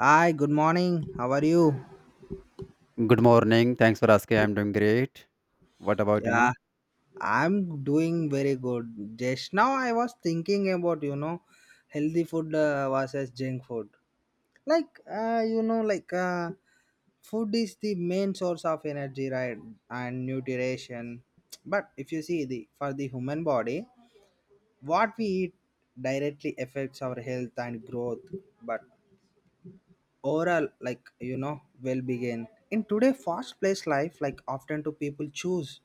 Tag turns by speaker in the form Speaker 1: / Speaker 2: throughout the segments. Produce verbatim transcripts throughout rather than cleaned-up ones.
Speaker 1: Hi, good morning. How are you?
Speaker 2: Good morning. Thanks for asking. I'm doing great. What about
Speaker 1: Yeah,
Speaker 2: you?
Speaker 1: I'm doing very good. Just now I was thinking about, you know, healthy food uh, versus junk food. Like, uh, you know, like uh, food is the main source of energy, right? And nutrition. But if you see the for the human body, what we eat directly affects our health and growth. But overall, like, you know, well-being. In today fast-paced life, like often do people choose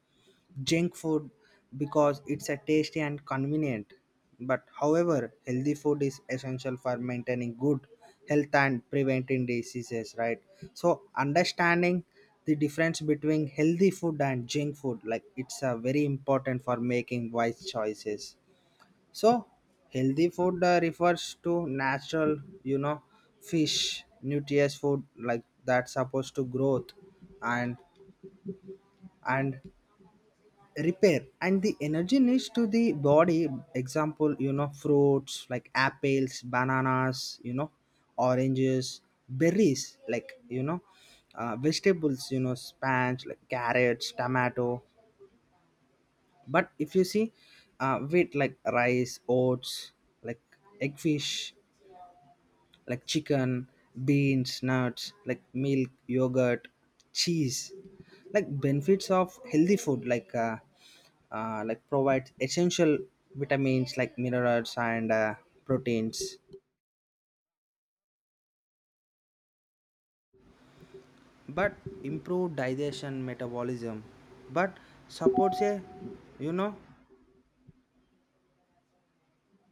Speaker 1: junk food because it's a tasty and convenient, but however healthy food is essential for maintaining good health and preventing diseases, right? So understanding the difference between healthy food and junk food, like, it's a very important for making wise choices. So healthy food uh, refers to natural, you know, fish nutritious food like that's supposed to growth and and repair and the energy needs to the body. Example, you know, fruits like apples, bananas, you know, oranges, berries, like, you know, uh, vegetables, you know, spinach, like carrots, tomato. But if you see, uh, wheat like rice, oats, like eggfish, like chicken, beans, nuts, like milk, yogurt, cheese. Like benefits of healthy food, like, uh, uh, like provides essential vitamins like minerals and, uh, proteins, but improve digestion, metabolism, but supports a, you know,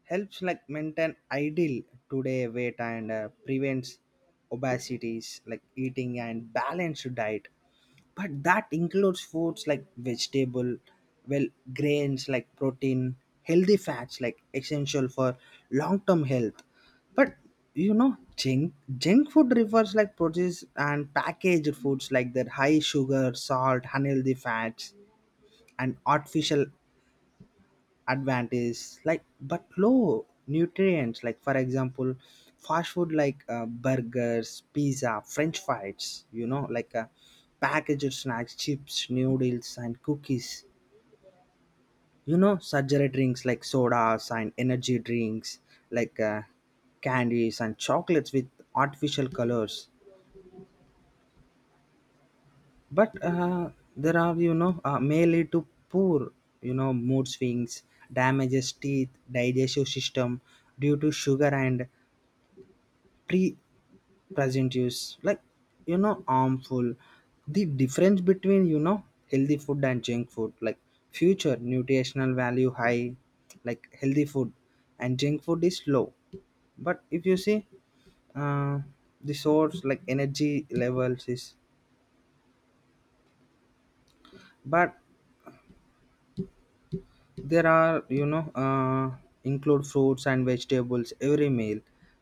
Speaker 1: helps like maintain ideal today weight and uh, prevents obesities like eating and balanced diet but that includes foods like vegetable, well, grains like protein, healthy fats like essential for long term health. But you know, junk junk food refers like produce and packaged foods like that high sugar, salt, unhealthy fats and artificial advantage, like, but low nutrients. Like for example, fast food like uh, burgers, pizza, french fries, you know, like, uh, packaged snacks, chips, noodles and cookies, you know, sugary drinks like sodas and energy drinks, like, uh, candies and chocolates with artificial colors. But uh, there are, you know, uh, may lead to poor, you know, mood swings, damages teeth, digestive system due to sugar and pre present use, like, you know, harmful. The difference between, you know, healthy food and junk food, like, future nutritional value high like healthy food and junk food is low. But if you see, uh, the source like energy levels is, but there are, you know, uh, include fruits and vegetables every meal,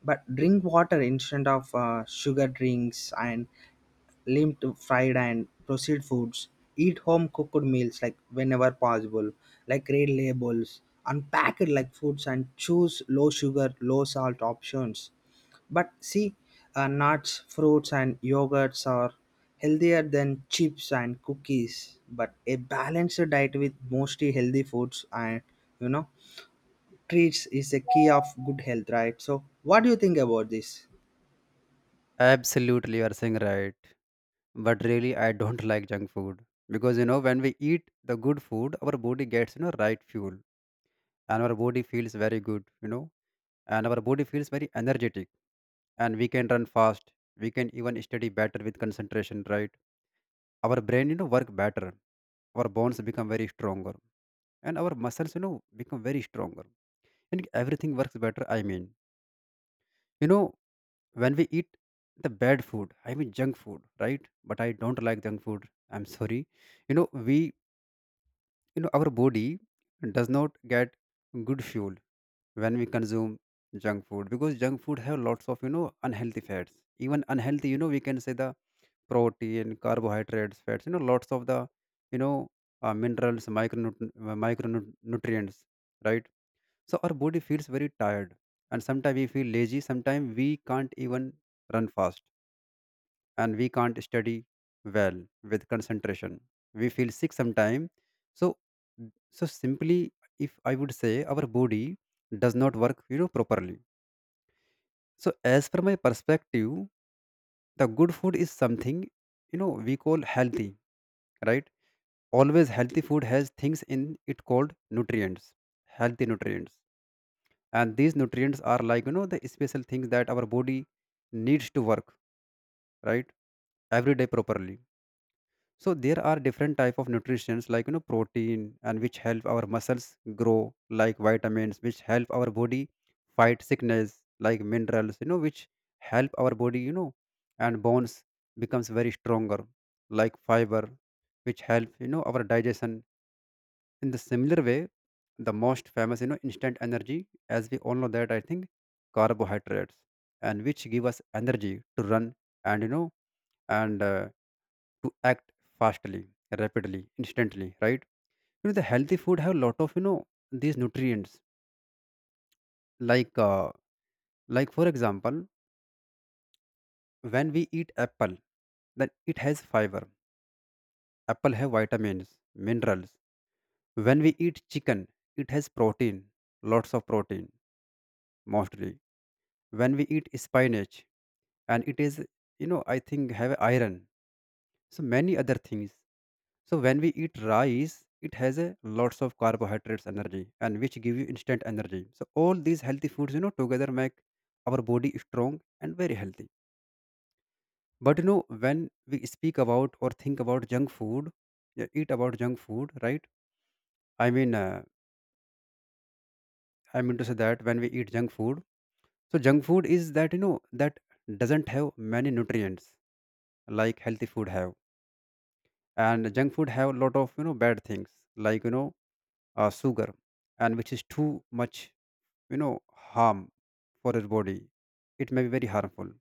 Speaker 1: but drink water instead of uh, sugar drinks and limped fried and processed foods, eat home cooked meals like whenever possible, like read labels, unpack it, like foods, and choose low sugar, low salt options. But see, uh, nuts, fruits and yogurts are healthier than chips and cookies, but a balanced diet with mostly healthy foods and, you know, treats is a key of good health, right? So what do you think about this?
Speaker 2: Absolutely, you are saying right. But really, I don't like junk food because you know when we eat the good food, our body gets you know right fuel, and our body feels very good, you know, and our body feels very energetic, and we can run fast. We can even study better with concentration, right? Our brain, you know, work better. Our bones become very stronger, and our muscles, you know, become very stronger, and everything works better. I mean, you know when we eat the bad food, I mean junk food, right? But I don't like junk food, I'm sorry. You know we, you know our body does not get good fuel when we consume junk food because junk food have lots of you know unhealthy fats, even unhealthy, you know we can say the protein, carbohydrates, fats, you know lots of the you know uh, minerals, micronut- uh, micronutrients, right? So our body feels very tired, and sometimes we feel lazy, sometimes we can't even run fast, and we can't study well with concentration, we feel sick sometime. So so simply, if I would say, our body does not work, you know properly. So as per my perspective, the good food is something, you know we call healthy, right? Always healthy food has things in it called nutrients, healthy nutrients. And these nutrients are like, you know the special things that our body needs to work, right, every day properly. So there are different type of nutrients, like you know protein, and which help our muscles grow. Like vitamins, which help our body fight sickness. Like minerals, you know which help our body, you know and bones becomes very stronger. Like fiber, which help you know our digestion. In the similar way, the most famous, you know instant energy, as we all know that, I think, carbohydrates, and which give us energy to run, and you know and uh, to act fastly, rapidly, instantly, right? You know the healthy food have a lot of, you know these nutrients, like uh, like for example, when we eat apple, then it has fiber. Apple have vitamins, minerals. When we eat chicken, it has protein, lots of protein mostly. When we eat spinach, and it is, you know I think have iron, so many other things. So when we eat rice, it has a lots of carbohydrates energy, and which give you instant energy. So all these healthy foods, you know, together make our body strong and very healthy. But you know, when we speak about or think about junk food, yeah, eat about junk food, right? I mean, uh, I mean to say that when we eat junk food, so junk food is that, you know that doesn't have many nutrients like healthy food have, and junk food have a lot of, you know bad things, like you know uh, sugar, and which is too much, you know harm for your body, it may be very harmful.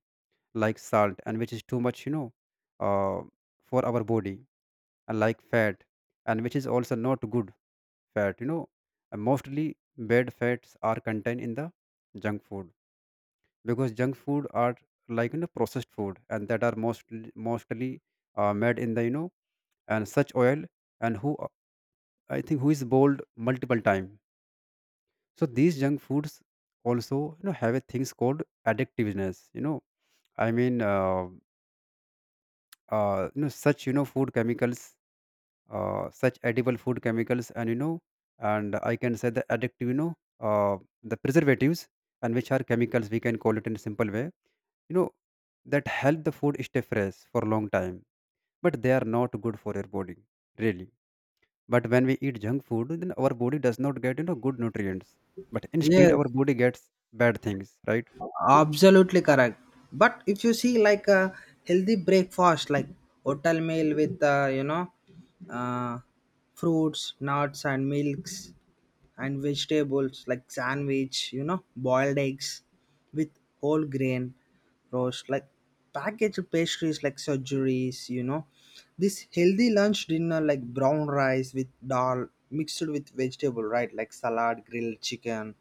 Speaker 2: Like salt, and which is too much, you know uh, for our body. And like fat, and which is also not good fat, you know and mostly bad fats are contained in the junk food, because junk food are like, you know processed food, and that are mostly mostly uh, made in the, you know and such oil, and who, I think, who is boiled multiple time. So these junk foods also, you know, have a things called addictiveness. You know, I mean, uh, uh, you know, such you know food chemicals, uh, such edible food chemicals, and you know, and I can say the addictive, you know, uh, the preservatives, and which are chemicals, we can call it in a simple way. You know, that help the food stay fresh for a long time, but they are not good for your body, really. But when we eat junk food, then our body does not get, you know good nutrients, but instead
Speaker 1: Yes,
Speaker 2: our body gets bad things, right?
Speaker 1: absolutely correct. But if you see, like a healthy breakfast like hotel meal with, uh, you know uh, fruits, nuts and milks and vegetables like sandwich, you know, boiled eggs with whole grain roast, like packaged pastries like surgeries, you know. This healthy lunch dinner like brown rice with dal mixed with vegetable, right? Like salad, grilled chicken,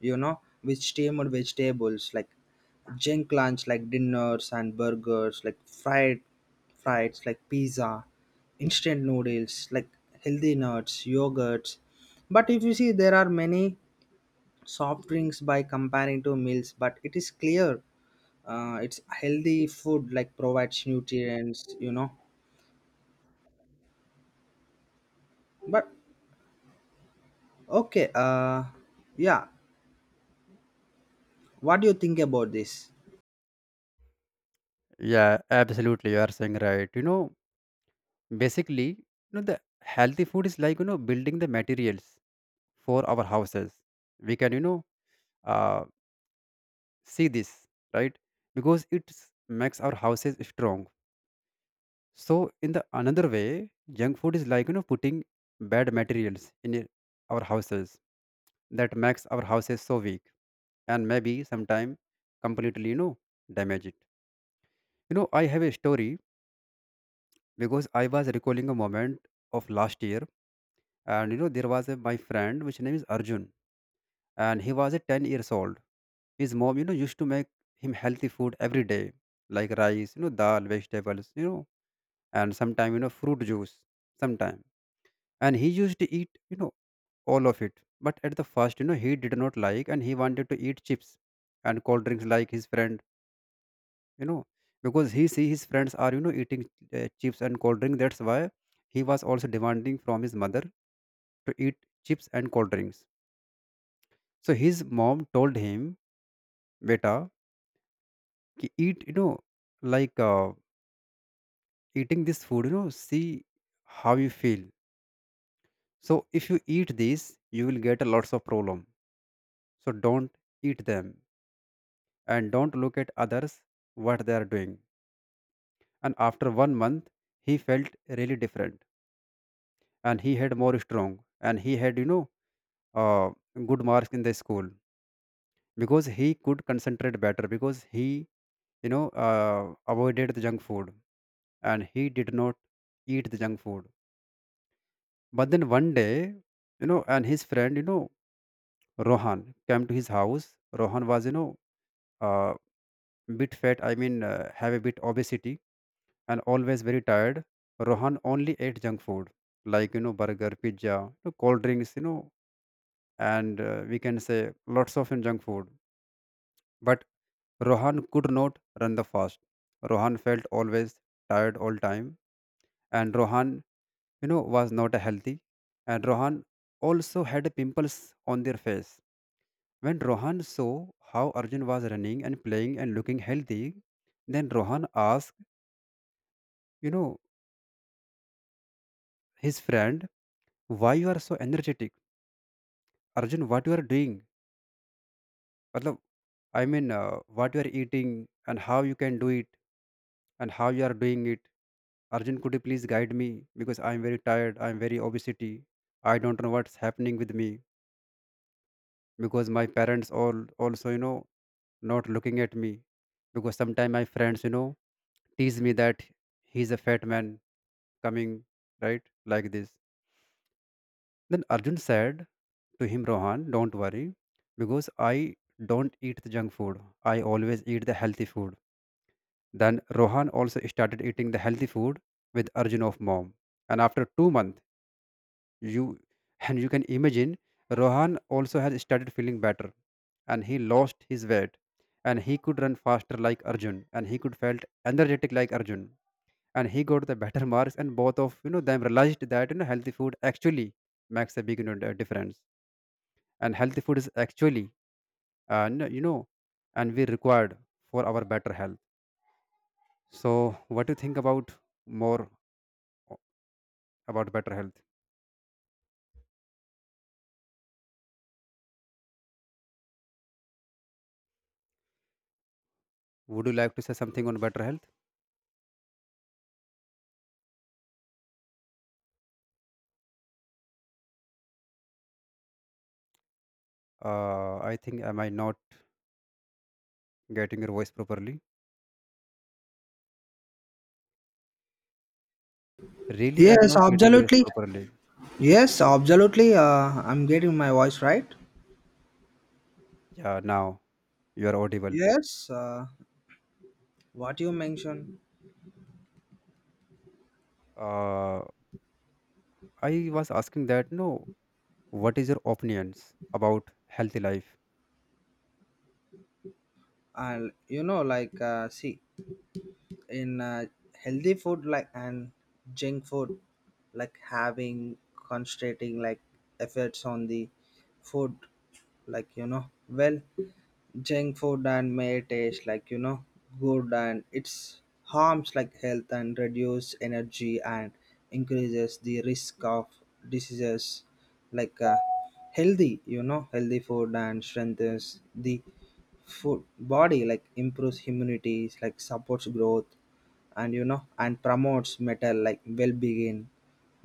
Speaker 1: you know, with steamed vegetables, like junk lunch like dinners and burgers, like fried fries like pizza, instant noodles like healthy nuts, yogurts. But if you see, there are many soft drinks by comparing to meals, but it is clear, uh, it's healthy food like provides nutrients, you know. But okay, uh, yeah, what do you think about this?
Speaker 2: Yeah, absolutely. You are saying right. You know, basically, you know, the healthy food is like, you know, building the materials for our houses. We can, you know, uh, see this, right? Because it makes our houses strong. So in the another way, junk food is like, you know, putting bad materials in it- our houses, that makes our houses so weak, and maybe sometime completely, you know, damage it. You know, I have a story because I was recalling a moment of last year, and you know there was a my friend which name is Arjun, and he was a ten years old. His mom, you know used to make him healthy food every day, like rice, you know dal, vegetables, you know and sometime, you know fruit juice sometime. And he used to eat, you know all of it. But at the first, you know he did not like, and he wanted to eat chips and cold drinks like his friend, you know because he see his friends are, you know eating uh, chips and cold drink. That's why he was also demanding from his mother to eat chips and cold drinks. So his mom told him, beta, ki eat, you know like uh, eating this food, you know see how you feel. So if you eat this, you will get a lots of problem, so don't eat them, and don't look at others what they are doing. And after one month, he felt really different, and he had more strong, and he had, you know uh, good marks in the school because he could concentrate better, because he, you know uh, avoided the junk food, and he did not eat the junk food. But then one day, you know, and his friend, you know, Rohan came to his house. Rohan was, you know, uh, bit fat. I mean, uh, have a bit obesity, and always very tired. Rohan only ate junk food, like you know burger, pizza, you know, cold drinks, you know, and uh, we can say lots of junk food. But Rohan could not run the fast. Rohan felt always tired all time, and Rohan, you know was not healthy. And Rohan also had pimples on their face. When Rohan saw how Arjun was running and playing and looking healthy, then Rohan asked, you know his friend, why you are so energetic, Arjun, what you are doing, matlab, i mean uh, what you are eating, and how you can do it, and how you are doing it, Arjun, could you please guide me, because I am very tired, I am very obesity, I don't know what's happening with me, because my parents all also, you know not looking at me, because sometimes my friends, you know tease me that he's a fat man coming, right, like this. Then Arjun said to him, Rohan, don't worry, because I don't eat the junk food, I always eat the healthy food. Then Rohan also started eating the healthy food with Arjun of mom, and after two months You and you can imagine Rohan also has started feeling better, and he lost his weight, and he could run faster like Arjun, and he could felt energetic like Arjun, and he got the better marks, and both of, you know them realized that, you know healthy food actually makes a big, you know, d- difference, and healthy food is actually, and you know and we required for our better health. So what do you think about more about better health? Would you like to say something on better health? Uh, I think I might not getting your voice properly. Really, I'm
Speaker 1: Yes,
Speaker 2: not getting yours
Speaker 1: absolutely.
Speaker 2: properly.
Speaker 1: Yes, absolutely. Uh, I'm getting my voice right.
Speaker 2: Yeah, now you are audible.
Speaker 1: Yes, uh, what you mentioned,
Speaker 2: Uh, I was asking that, no, what is your opinions about healthy life?
Speaker 1: I'll, you know, like, uh, see, in uh, healthy food like and junk food like having, concentrating like efforts on the food, like, you know, well, junk food and may taste like, you know, good, and it's harms like health and reduce energy and increases the risk of diseases, like, uh, healthy, you know, healthy food and strengthens the food body like improves immunity, like supports growth and, you know, and promotes metal like well-being,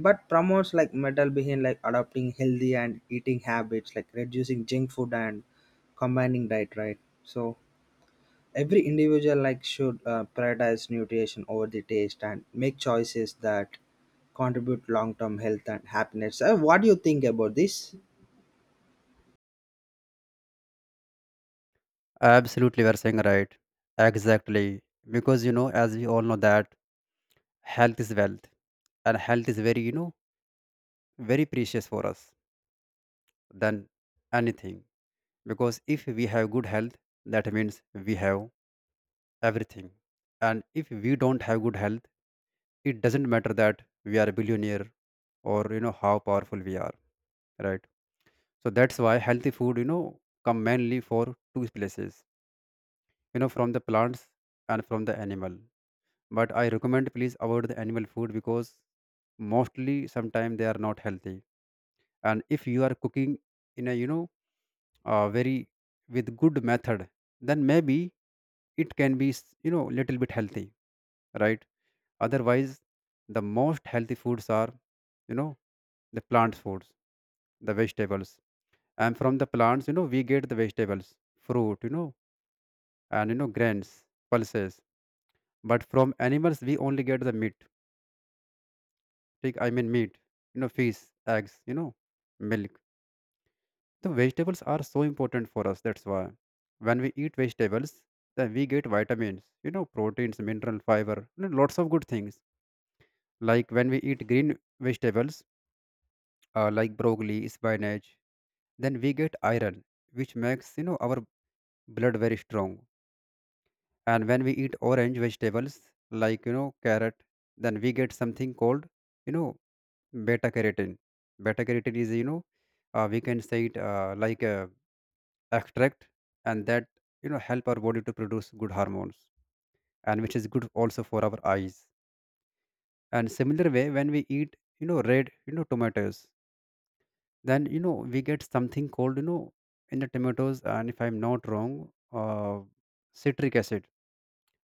Speaker 1: but promotes like metal being, like adopting healthy and eating habits like reducing junk food and combining diet, right? So every individual like should uh, prioritize nutrition over the taste and make choices that contribute long-term health and happiness. Uh, what do you think about this?
Speaker 2: Absolutely, we are saying right. Exactly. Because, you know, as we all know that health is wealth, and health is very, you know, very precious for us than anything. Because if we have good health, that means we have everything. And if we don't have good health, it doesn't matter that we are a billionaire, or you know how powerful we are, right? So that's why healthy food, you know come mainly for two places, you know, from the plants and from the animal. But I recommend, please avoid the animal food, because mostly sometimes they are not healthy. And if you are cooking in a, you know uh, very with good method, then maybe it can be s- you know little bit healthy, right? Otherwise, the most healthy foods are, you know the plant foods, the vegetables. And from the plants, you know, we get the vegetables, fruit, you know, and you know, grains, pulses. But from animals, we only get the meat. Take, I mean, meat, you know, fish, eggs, you know, milk. The vegetables are so important for us. That's why when we eat vegetables, then we get vitamins, you know, proteins, mineral fiber, you know, lots of good things. Like when we eat green vegetables, uh, like broccoli, spinach, then we get iron, which makes you know our blood very strong. And when we eat orange vegetables like you know carrot, then we get something called you know beta carotene. Beta carotene is you know uh, we can say it uh, like a extract, and that you know help our body to produce good hormones, and which is good also for our eyes. And similar way, when we eat you know red you know tomatoes, then you know we get something called you know in the tomatoes, and if I'm not wrong, uh, citric acid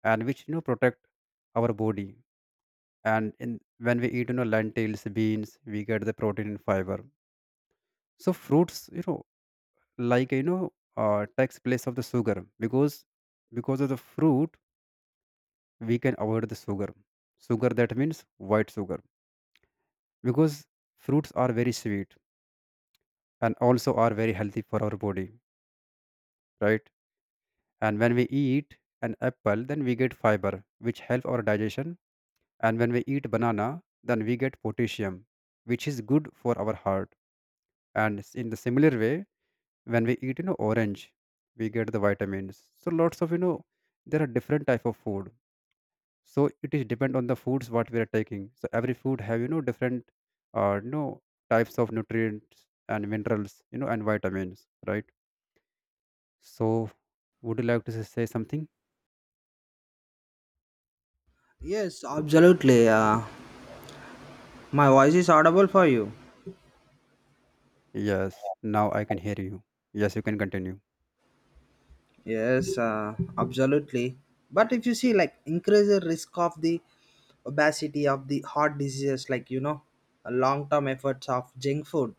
Speaker 2: and which you know protect our body and in when we eat you know lentils beans we get the protein and fiber. So fruits you know like you know uh, takes place of the sugar because because of the fruit we can avoid the sugar. Sugar that means white sugar because fruits are very sweet and also are very healthy for our body, right? And when we eat an apple then we get fiber which help our digestion. And when we eat banana, then we get potassium, which is good for our heart. And s- in the similar way, when we eat, you know, orange, we get the vitamins. So lots of, you know, there are different type of food. So it is depend on the foods what we are taking. So every food have, you know, different, uh, you know, types of nutrients and minerals, you know, and vitamins, right? So would you like to s- say something?
Speaker 1: Yes, absolutely. Uh, my voice is audible for you?
Speaker 2: Yes. Now I can hear you. Yes, you can continue.
Speaker 1: Yes, uh, absolutely. But if you see, like, increase the risk of the obesity of the heart diseases, like, you know, long-term efforts of junk food,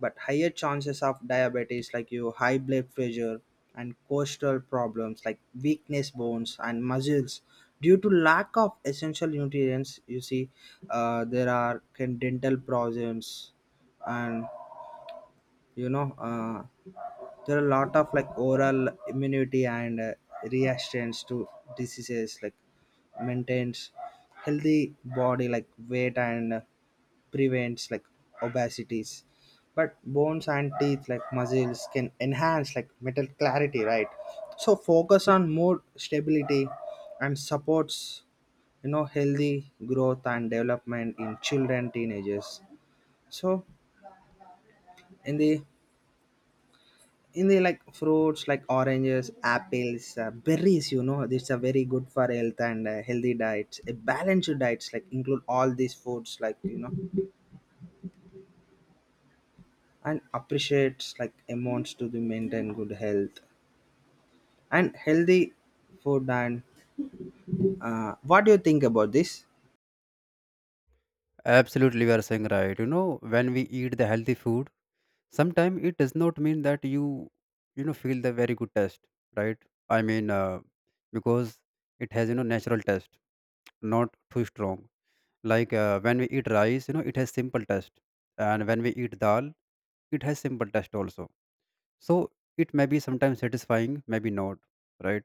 Speaker 1: but higher chances of diabetes, like you high blood pressure and coastal problems, like weakness bones and muscles, due to lack of essential nutrients. You see, uh, there are can dental problems, and, you know, uh, there are a lot of like oral immunity and, uh, reactions to diseases like maintains healthy body like weight and uh, prevents like obesities, but bones and teeth like muscles can enhance like metal clarity, right? So focus on more stability and supports, you know, healthy growth and development in children, teenagers. So in the, in the like fruits like oranges, apples, uh, berries, you know, these are very good for health and, uh, healthy diets, a balanced diets like include all these foods, like, you know, and appreciates like amounts to the maintain good health and healthy food and, uh, what do you think about this?
Speaker 2: Absolutely, you are saying right. You know, when we eat the healthy food, sometimes it does not mean that you, you know, feel the very good taste, right? I mean, uh, because it has you know natural taste, not too strong. Like uh, when we eat rice, you know, it has simple taste, and when we eat dal, it has simple taste also. So it may be sometimes satisfying, maybe not, right?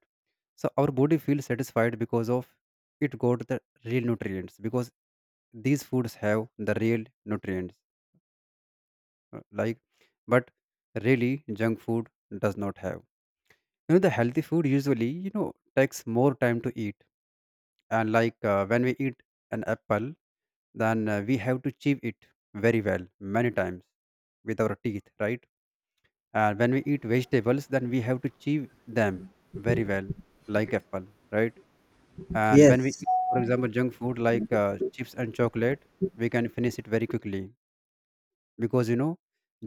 Speaker 2: So our body feels satisfied because of it got the real nutrients because these foods have the real nutrients, uh, like. But really junk food does not have. you know the healthy food usually you know takes more time to eat. And like uh, when we eat an apple then uh, we have to chew it very well many times with our teeth, right? And when we eat vegetables then we have to chew them very well, like apple, right? And when we
Speaker 1: Yes,
Speaker 2: eat for example junk food like uh, chips and chocolate, we can finish it very quickly because you know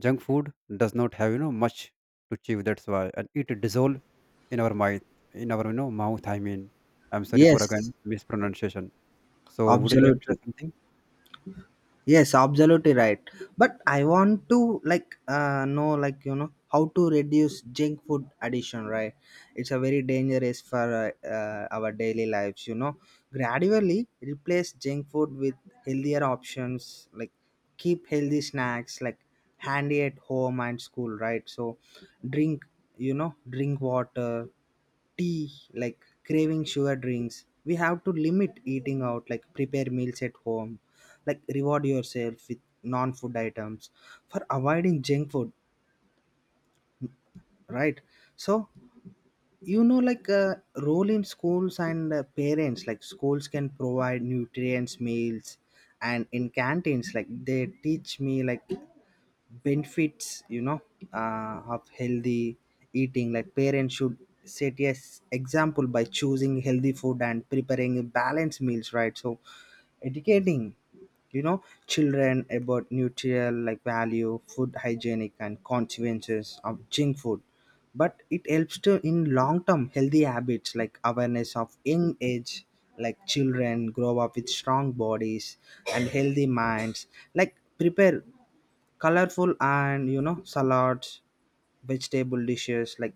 Speaker 2: junk food does not have you know much to chew, that's why. And it dissolve in our mind, in our you know mouth, I mean. I'm sorry for again
Speaker 1: yes,
Speaker 2: mispronunciation. So would you like to
Speaker 1: absolutely.
Speaker 2: say something?
Speaker 1: Yes, absolutely right. But I want to like uh, know, like, you know, how to reduce junk food addiction, right? It's a very dangerous for, uh, uh, our daily lives. You know, gradually replace junk food with healthier options. Like keep healthy snacks like handy at home and school, right? So drink, you know drink water, tea, like craving sugar drinks, we have to limit eating out, like prepare meals at home, like reward yourself with non-food items for avoiding junk food, right? So, you know, like, uh, role in schools and, uh, parents, like schools can provide nutrients meals and in canteens, like they teach me like benefits, you know, uh, of healthy eating, like parents should set, yes, example by choosing healthy food and preparing balanced meals, right? So educating, you know, children about nutritional like value food hygienic and consequences of junk food, but it helps to in long term healthy habits like awareness of young age, like children grow up with strong bodies and healthy minds, like prepare colorful and, you know, salads, vegetable dishes, like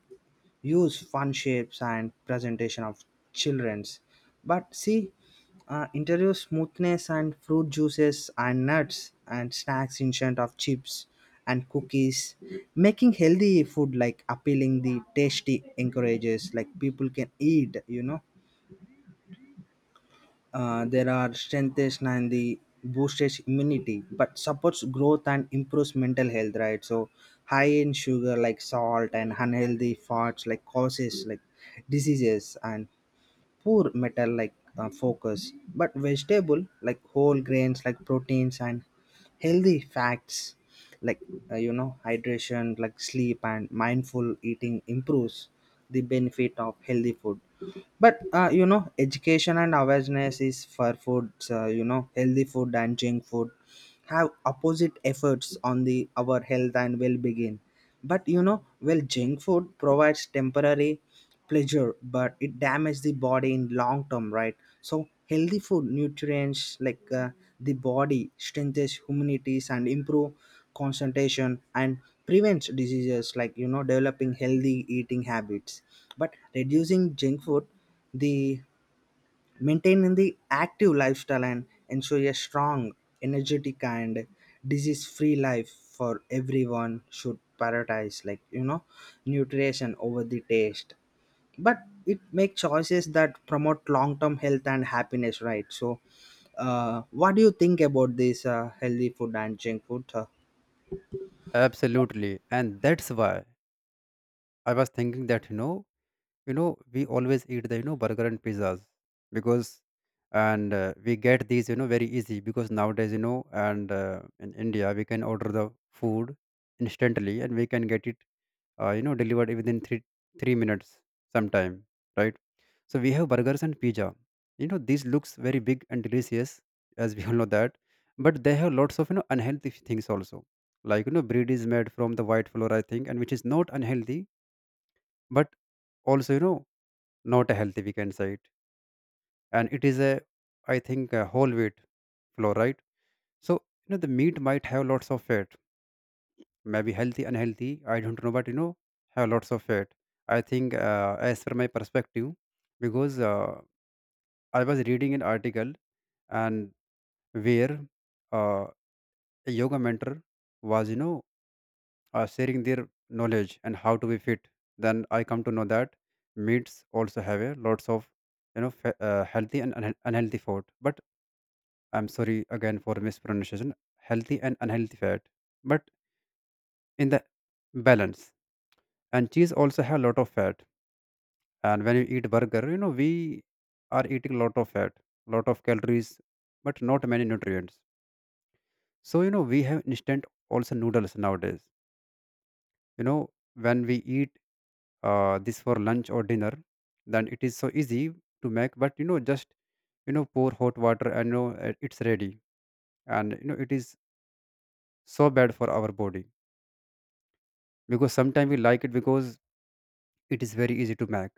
Speaker 1: use fun shapes and presentation of children's. But see, uh, interior smoothness and fruit juices and nuts and snacks instead of chips and cookies, making healthy food like appealing the tasty encourages like people can eat, you know, uh, there are strengths and the boosts immunity, but supports growth and improves mental health, right? So high in sugar, like salt and unhealthy fats like causes like diseases and poor metal, like, uh, focus, but vegetable like whole grains like proteins and healthy fats, like, uh, you know, hydration, like sleep and mindful eating improves the benefit of healthy food. But uh, you know, education and awareness is for foods, uh, you know, healthy food and junk food have opposite efforts on the our health and well-being. But you know, well, junk food provides temporary pleasure, but it damages the body in long term, right? So healthy food nutrients like, uh, the body strengthens humanities and improve concentration and prevents diseases, like, you know, developing healthy eating habits but reducing junk food, the maintaining the active lifestyle and ensure a strong, energetic and disease free life for everyone should prioritize, like, you know, nutrition over the taste, but it make choices that promote long term health and happiness, right? So uh, what do you think about this, uh, healthy food and junk food, uh,
Speaker 2: Absolutely. And that's why I was thinking that you know you know we always eat the you know burger and pizzas because and uh, we get these you know very easy because nowadays you know and uh, in India we can order the food instantly and we can get it uh, you know delivered within three three minutes sometime, right? So we have burgers and pizza, you know this looks very big and delicious, as we all know that. But they have lots of you know unhealthy things also, like you know bread is made from the white flour I think, and which is not unhealthy, but also you know not healthy we can say it. And it is a, I think, a whole wheat flour, right? So you know the meat might have lots of fat, maybe healthy, unhealthy. I don't know, but you know, have lots of fat. I think, uh, as per my perspective, because uh, I was reading an article and where uh, a yoga mentor was, you know, uh, sharing their knowledge and how to be fit. Then I come to know that meats also have a lots of, you know, fa- uh, healthy and unhe- unhealthy food. But I'm sorry again for mispronunciation. Healthy and unhealthy fat, but in the balance. And cheese also have a lot of fat, and when you eat burger you know we are eating lot of fat, lot of calories, but not many nutrients. So you know we have instant also noodles nowadays, you know when we eat uh, this for lunch or dinner, then it is so easy to make, but you know just you know pour hot water and you know uh, it's ready. And you know it is so bad for our body, because sometimes we like it because it is very easy to make,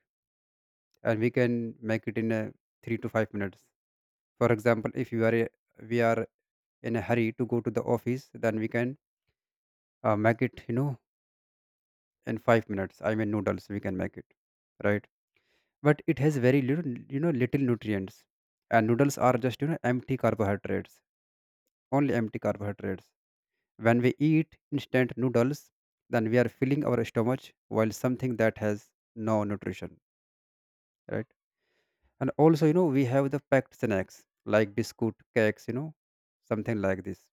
Speaker 2: and we can make it in a three to five minutes. For example, if you are a, we are in a hurry to go to the office, then we can uh, make it you know in five minutes, I mean noodles we can make it, right? But it has very little, you know little nutrients. And noodles are just you know empty carbohydrates, only empty carbohydrates. When we eat instant noodles then we are filling our stomach while something that has no nutrition, right? And also you know we have the packed snacks like biscuit cakes, you know something like this.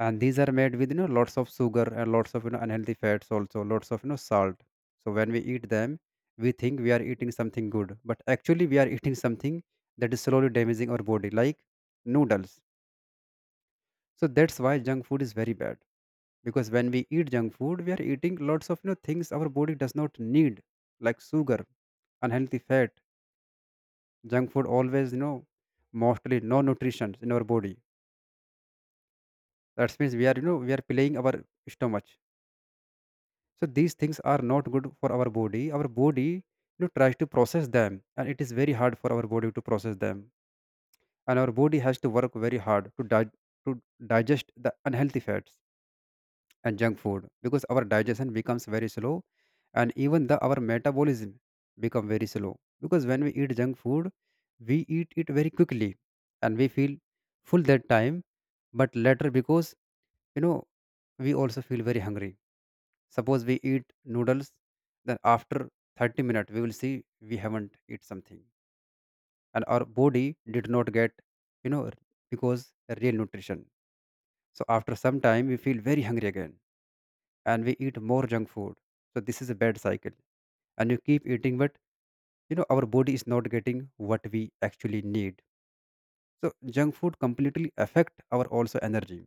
Speaker 2: And these are made with you know lots of sugar and lots of you know unhealthy fats, also lots of you know salt. So when we eat them, we think we are eating something good, but actually we are eating something that is slowly damaging our body, like noodles. So that's why junk food is very bad, because when we eat junk food we are eating lots of you know things our body does not need, like sugar, unhealthy fat. Junk food always you know mostly no nutrition in our body, that means we are you know we are playing our stomach. So these things are not good for our body. Our body you know tries to process them, and it is very hard for our body to process them. And our body has to work very hard to di- to digest the unhealthy fats and junk food, because our digestion becomes very slow. And even the our metabolism become very slow because when we eat junk food we eat it very quickly and we feel full that time, but later because you know we also feel very hungry. Suppose we eat noodles, then after thirty minutes we will see we haven't eat something, and our body did not get, you know because real nutrition. So after some time we feel very hungry again, and we eat more junk food. So this is a bad cycle, and you keep eating but you know our body is not getting what we actually need. So junk food completely affect our also energy,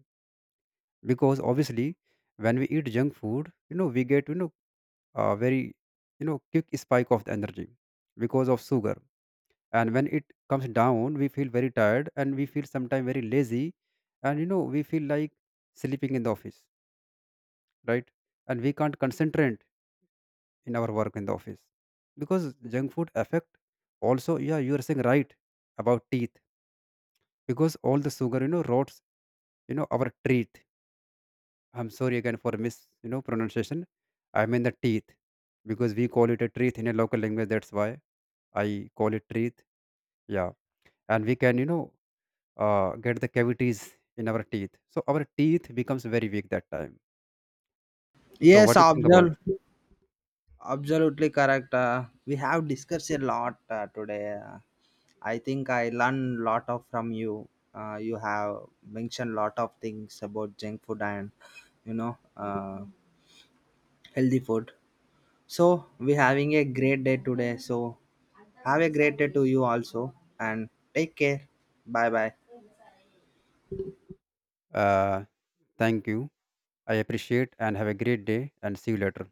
Speaker 2: because obviously when we eat junk food you know we get you know a very you know quick spike of the energy because of sugar. And when it comes down we feel very tired, and we feel sometimes very lazy, and you know we feel like sleeping in the office, right? And we can't concentrate in our work in the office because junk food affect also. Yeah, you are saying right about teeth, because all the sugar you know rots you know our teeth. I'm sorry again for mis you know pronunciation. I mean the teeth, because we call it a teeth in a local language, that's why I call it teeth. Yeah, and we can you know uh, get the cavities in our teeth. So our teeth becomes very weak that time. So
Speaker 1: yes,
Speaker 2: what do you think about?
Speaker 1: observe. Absolutely correct. Uh, we have discussed a lot uh, today. Uh, I think I learned lot of from you. Uh, you have mentioned lot of things about junk food and, you know, uh, healthy food. So we having a great day today. So have a great day to you also and take care. Bye bye.
Speaker 2: Uh, thank you. I appreciate and have a great day and see you later.